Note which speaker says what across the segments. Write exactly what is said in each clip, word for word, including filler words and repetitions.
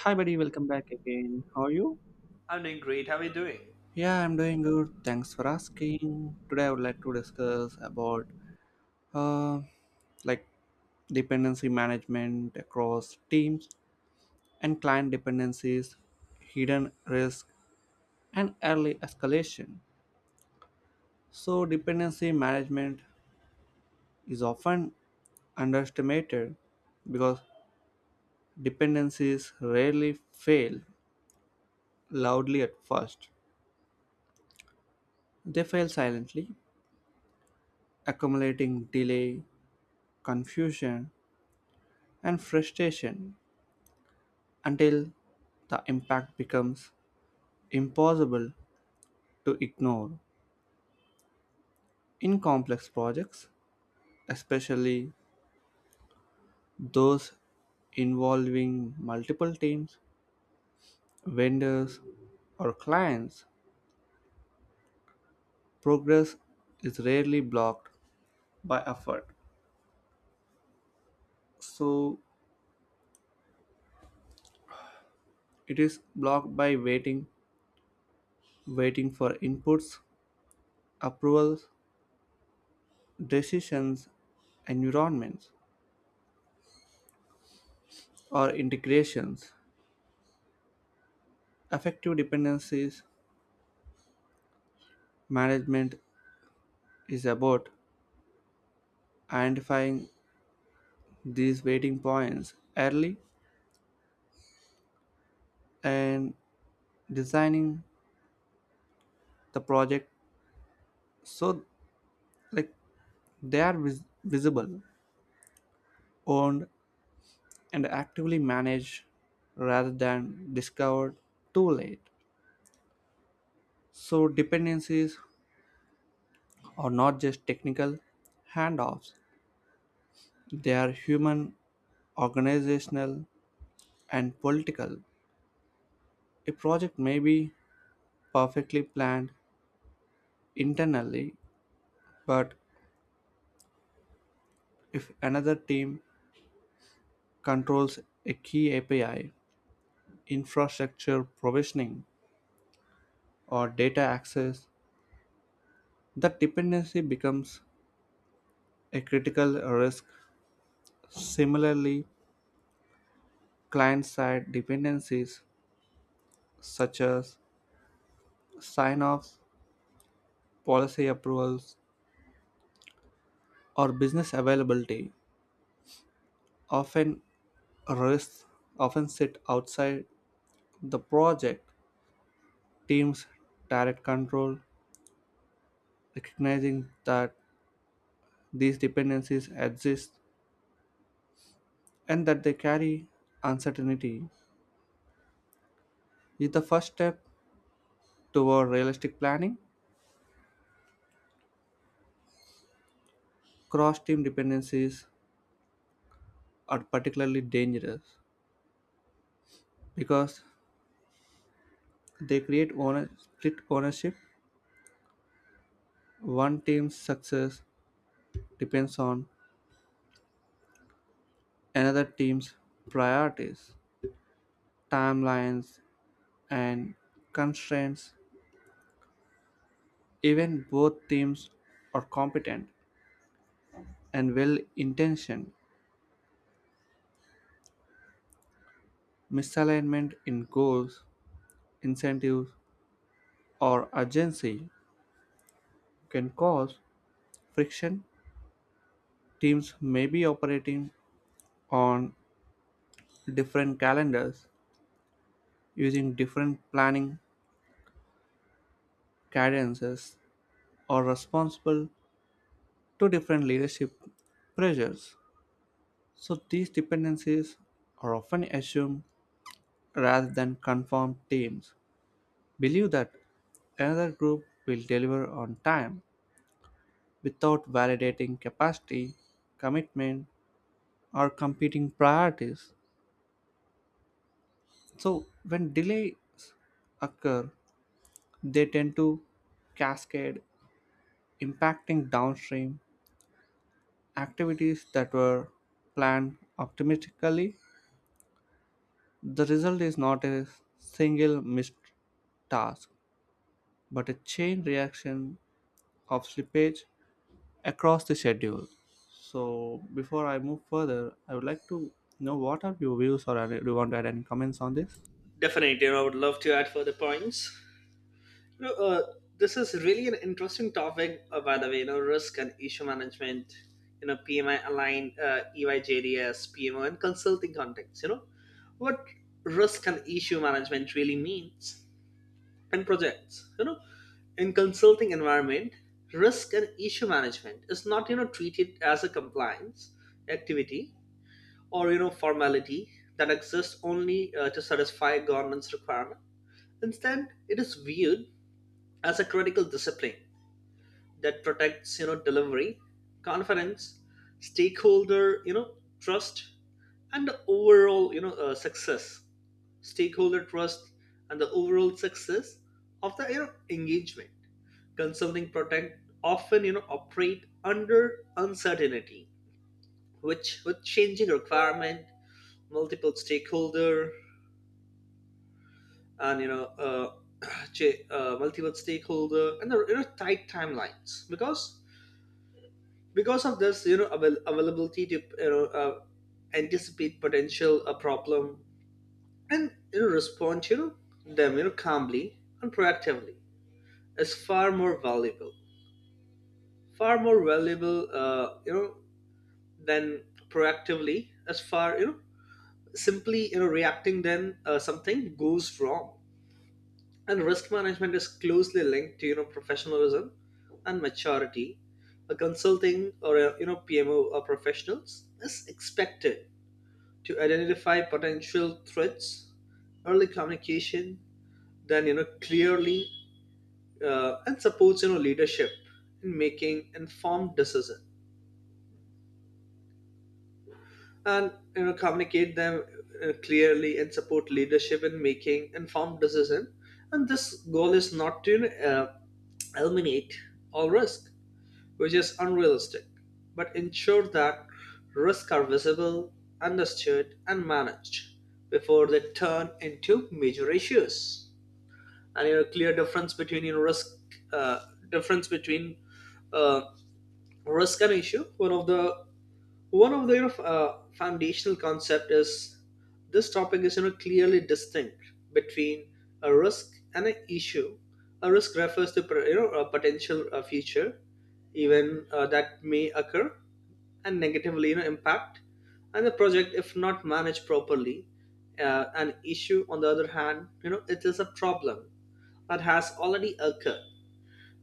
Speaker 1: Hi, buddy. Welcome back again. How are you?
Speaker 2: I'm doing great. How are you doing?
Speaker 1: Yeah, I'm doing good. Thanks for asking. Today, I would like to discuss about uh, like dependency management across teams and client dependencies, hidden risk, and early escalation. So, dependency management is often underestimated because dependencies rarely fail loudly at first. They fail silently, accumulating delay, confusion, and frustration until the impact becomes impossible to ignore. In complex projects, especially those involving multiple teams, vendors, or clients, progress is rarely blocked by effort. So it is blocked by waiting, waiting for inputs, approvals, decisions, environments, or integrations. Affective dependencies management is about identifying these waiting points early and designing the project so like they are vis- visible, owned, and actively managed rather than discovered too late. So dependencies are not just technical handoffs; they are human, organizational, and political. A project may be perfectly planned internally, but if another team controls a key A P I, infrastructure provisioning, or data access, that dependency becomes a critical risk. Similarly, client side dependencies such as sign offs, policy approvals, or business availability often risks often sit outside the project team's direct control, recognizing that these dependencies exist and that they carry uncertainty is the first step toward realistic planning. Cross team dependencies are particularly dangerous because they create owner- split ownership. One team's success depends on another team's priorities, timelines, and constraints. Even both teams are competent and well intentioned, misalignment in goals, incentives, or urgency can cause friction, teams may be operating on different calendars, using different planning cadences, or responsible to different leadership pressures. So, these dependencies are often assumed rather than confirmed teams believe that another group will deliver on time without validating capacity, commitment, or competing priorities. So when delays occur, they tend to cascade, impacting downstream activities that were planned optimistically. The result is not a single missed task, but a chain reaction of slippage across the schedule. So before I move further, I would like to know what are your views or do you want to add any comments on this?
Speaker 2: Definitely, I would love to add further points. You know, uh, this is really an interesting topic, uh, by the way. You know, risk and issue management. You know, P M I aligned, uh, E Y J D S, P M O, and consulting context. You know, what risk and issue management really means in projects. You know, in consulting environment, risk and issue management is not you know treated as a compliance activity or you know formality that exists only uh, to satisfy government's requirement. Instead, it is viewed as a critical discipline that protects you know delivery, confidence, stakeholder you know trust, and the overall you know uh, success. Stakeholder trust and the overall success of the you know engagement. Consulting protect often you know operate under uncertainty, which with changing requirement, multiple stakeholder and you know uh, cha- uh, multiple stakeholder and there you know tight timelines because because of this you know avail- availability to you know uh, anticipate potential a problem and you know respond to you know, them you know calmly and proactively is far more valuable far more valuable, uh, you know than proactively as far you know simply you know reacting then uh, something goes wrong. And risk management is closely linked to you know professionalism and maturity. A consulting or a, you know P M O or professionals is expected to identify potential threats, early communication, then you know clearly, uh, and supports you know leadership in making informed decision and you know communicate them uh, clearly and support leadership in making informed decision. And this goal is not to you know, uh, eliminate all risk, which is unrealistic, but ensure that risks are visible, understood, and managed before they turn into major issues. And you know, clear difference between you know, risk. Uh, difference between uh, Risk and issue. One of the one of the you know, f- uh, foundational concept is this topic is you know clearly distinct between a risk and an issue. A risk refers to pre- you know a potential uh, future even uh, that may occur and negatively you know impact and the project if not managed properly. Uh, an issue, on the other hand, you know it is a problem that has already occurred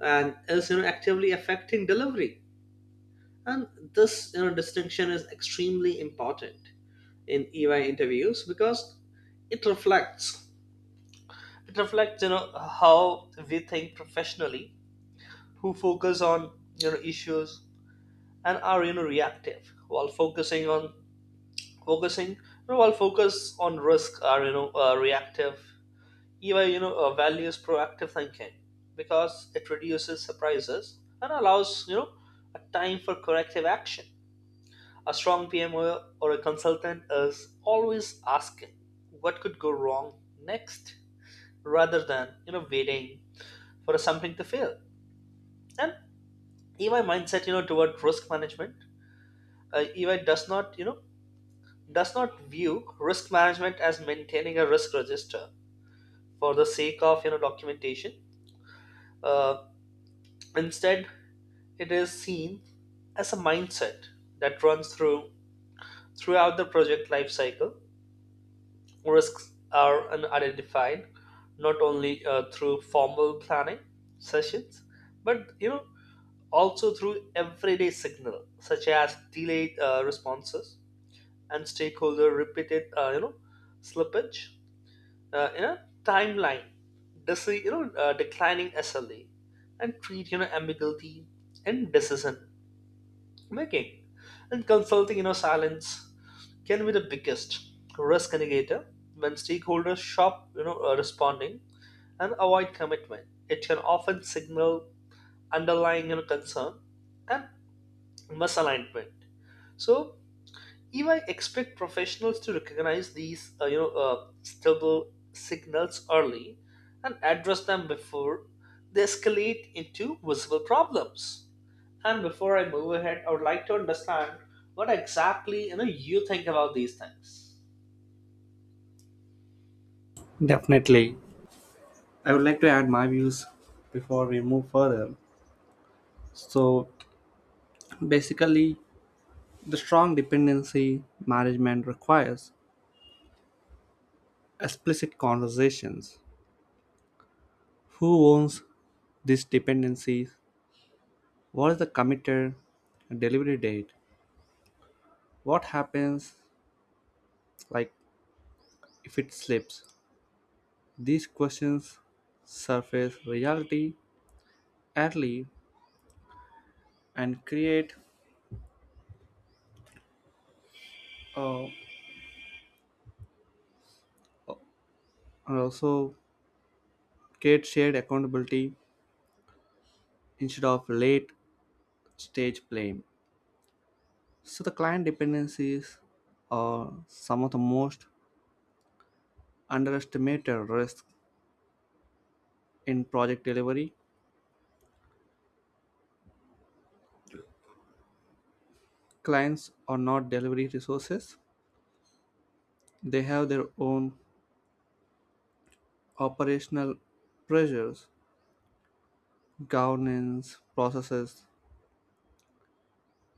Speaker 2: and is you know actively affecting delivery. And this you know, distinction is extremely important in E Y interviews because it reflects it reflects you know how we think professionally, who focus on you know issues and are you know reactive, while focusing on focusing you know, while focus on risk are you know uh, reactive. E Y you know uh, values proactive thinking because it reduces surprises and allows you know a time for corrective action. A strong P M O or a consultant is always asking what could go wrong next rather than you know waiting for something to fail. And E Y mindset you know toward risk management, uh, E Y does not you know does not view risk management as maintaining a risk register for the sake of you know documentation. Uh, instead, it is seen as a mindset that runs through throughout the project life cycle. Risks are identified not only uh, through formal planning sessions, but you know also through everyday signal such as delayed uh, responses and stakeholder repeated uh, you know slippage uh, in a timeline. This you know uh, declining S L A and treat you know ambiguity and decision making and consulting you know silence can be the biggest risk indicator. When stakeholders shop you know uh, responding and avoid commitment, it can often signal underlying you know, concern and misalignment. So E Y expect professionals to recognize these uh, you know uh, stable signals early and address them before they escalate into visible problems. And before I move ahead, I would like to understand what exactly you know you think about these things.
Speaker 1: Definitely. I would like to add my views before we move further. So basically, the strong dependency management requires explicit conversations. Who owns these dependencies? What is the committer delivery date? What happens like if it slips? These questions surface reality early and create uh, and also create shared accountability instead of late stage blame. So the client dependencies are some of the most underestimated risks in project delivery. Clients are not delivery resources. They have their own operational pressures, governance, processes,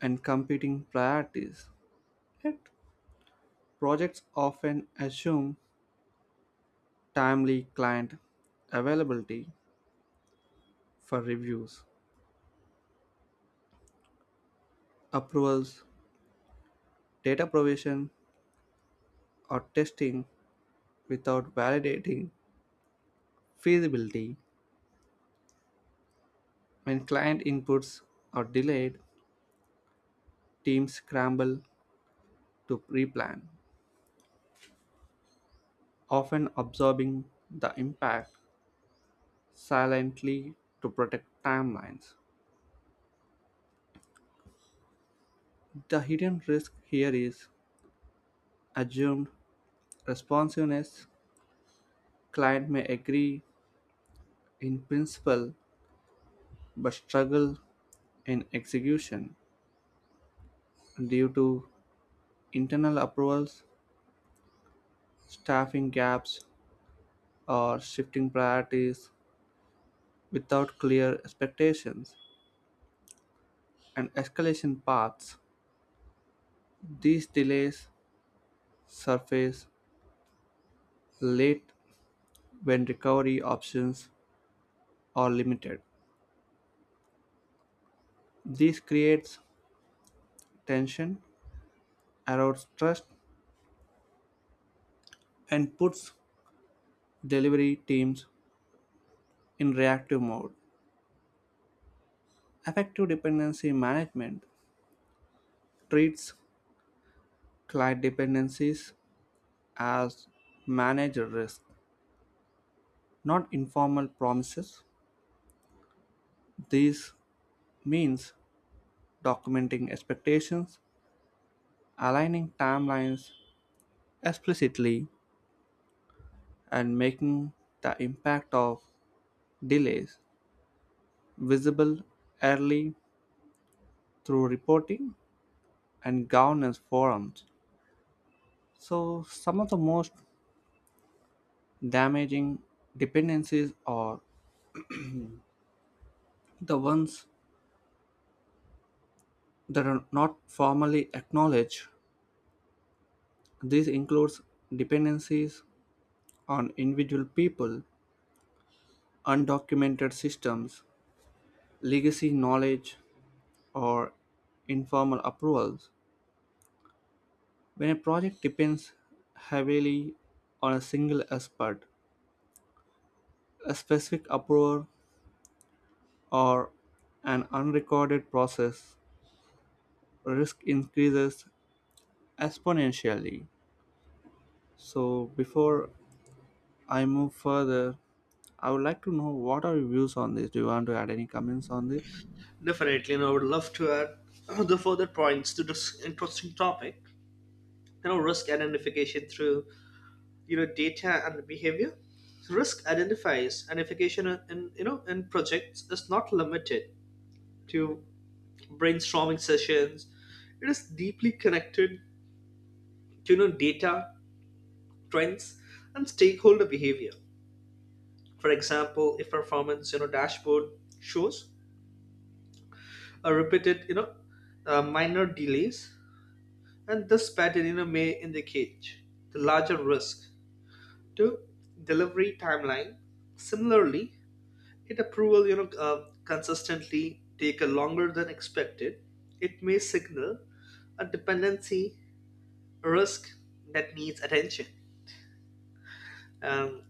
Speaker 1: and competing priorities. Yet, projects often assume timely client availability for reviews, approvals, data provision, or testing without validating feasibility. When client inputs are delayed, teams scramble to replan, often absorbing the impact silently to protect timelines. The hidden risk here is assumed responsiveness. Client may agree in principle but struggle in execution due to internal approvals, staffing gaps, or shifting priorities without clear expectations and escalation paths, these delays surface late when recovery options are limited. This creates tension, erodes trust, and puts delivery teams in reactive mode. Effective dependency management treats client dependencies as manager risk, not informal promises. This means documenting expectations, aligning timelines explicitly and making the impact of delays visible early through reporting and governance forums. So, some of the most damaging dependencies are the ones that are not formally acknowledged. This includes dependencies on individual people, undocumented systems, legacy knowledge, or informal approvals. When a project depends heavily on a single expert, a specific approval, or an unrecorded process, risk increases exponentially. So, before I move further, I would like to know what are your views on this? Do you want to add any comments on this?
Speaker 2: Definitely, and I would love to add the further points to this interesting topic. You know, risk identification through you know data and behavior. So risk identifies identification in you know in projects is not limited to brainstorming sessions. It is deeply connected to you know data trends and stakeholder behavior. For example, if performance you know dashboard shows a repeated you know uh, minor delays. And this pattern, you know, may indicate the larger risk to delivery timeline. Similarly, if approval you know, uh, consistently take a longer than expected, it may signal a dependency risk that needs attention. Um,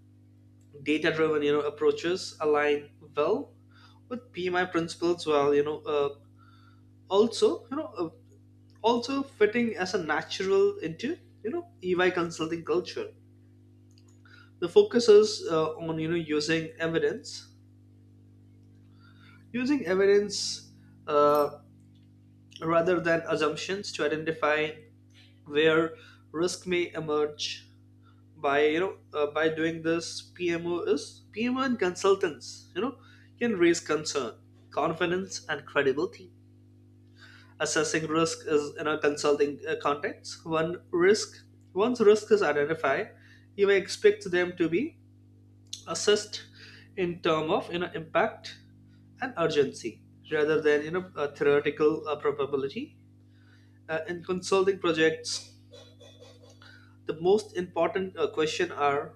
Speaker 2: Data-driven you know, approaches align well with P M I principles. While you know uh, also you know uh, also fitting as a natural into you know E Y consulting culture. The focus is, uh, on you know using evidence, using evidence uh, rather than assumptions to identify where risk may emerge by you know uh, by doing this. pmo is P M O and consultants you know can raise concern, confidence, and credibility. Assessing risk is in a consulting, uh, context. One risk Once risk is identified, you may expect them to be assessed in term of you know impact and urgency rather than you know a theoretical uh, probability. Uh, in consulting projects, the most important uh, question are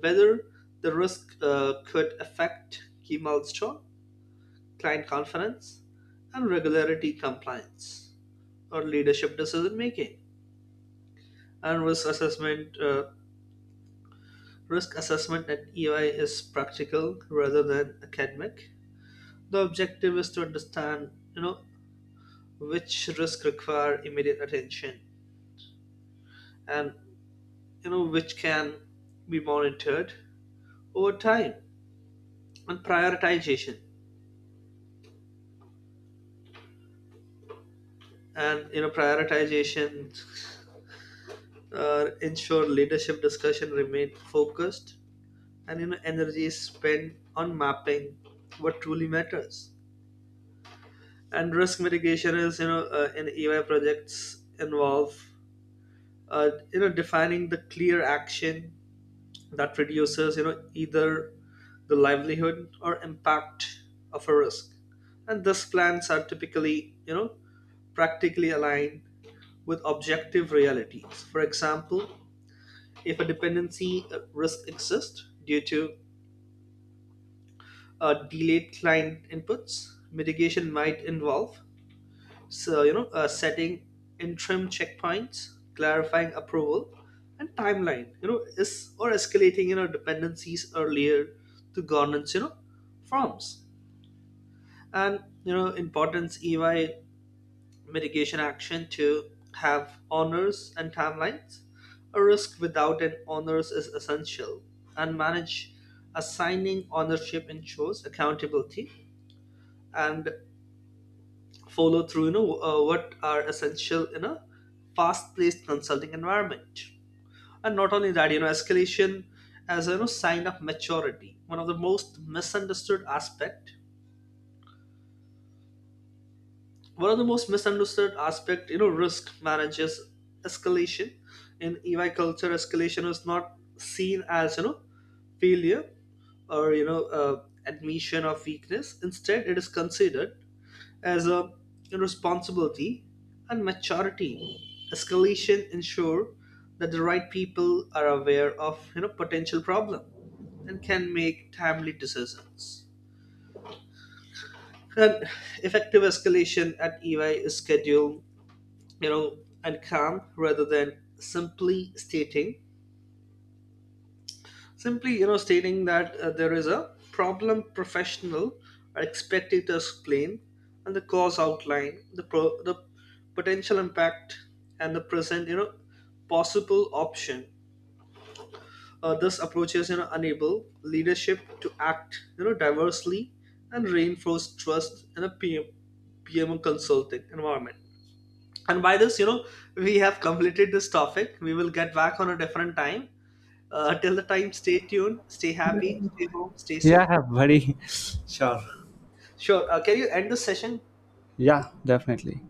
Speaker 2: whether the risk uh, could affect key milestone, client confidence, and regularity compliance or leadership decision making. And risk assessment, uh, risk assessment at E Y is practical rather than academic. The objective is to understand, you know, which risks require immediate attention and you know which can be monitored over time. And prioritization and you know prioritization uh, ensure leadership discussion remain focused, and you know energy is spent on mapping what truly matters. And risk mitigation is you know uh, in E Y projects involve, uh, you know defining the clear action that reduces you know either the livelihood or impact of a risk. And thus plans are typically you know practically aligned with objective realities. For example, if a dependency uh, risk exists due to uh, delayed client inputs, mitigation might involve, so you know uh, setting interim checkpoints, clarifying approval and timeline you know is, or escalating you know dependencies earlier to governance you know forms. And you know importance, E Y mitigation action to have honors and timelines. A risk without an honors is essential and manage. Assigning ownership ensures accountability and follow through, you know uh, what are essential in a fast paced consulting environment. And not only that, you know escalation as a, you know, sign of maturity. One of the most misunderstood aspect one of the most misunderstood aspect, you know risk manages escalation. in E Y culture, escalation is not seen as you know failure or you know uh, admission of weakness. Instead, it is considered as a responsibility and maturity. Escalation ensure that the right people are aware of you know potential problem and can make timely decisions. And effective escalation at E Y is scheduled, you know and calm rather than simply stating simply you know stating that uh, there is a problem. Professional are expected to explain and the cause, outline the pro- the potential impact, and the present you know possible option. Uh, this approach is you know enable leadership to act you know diversely and reinforce trust in a PM, P M O consulting environment. And by this, you know, we have completed this topic. We will get back on a different time. Uh, till the time, stay tuned, stay happy, stay home, stay safe.
Speaker 1: Yeah, buddy. Sure.
Speaker 2: Sure. Uh, can you end the session?
Speaker 1: Yeah, definitely.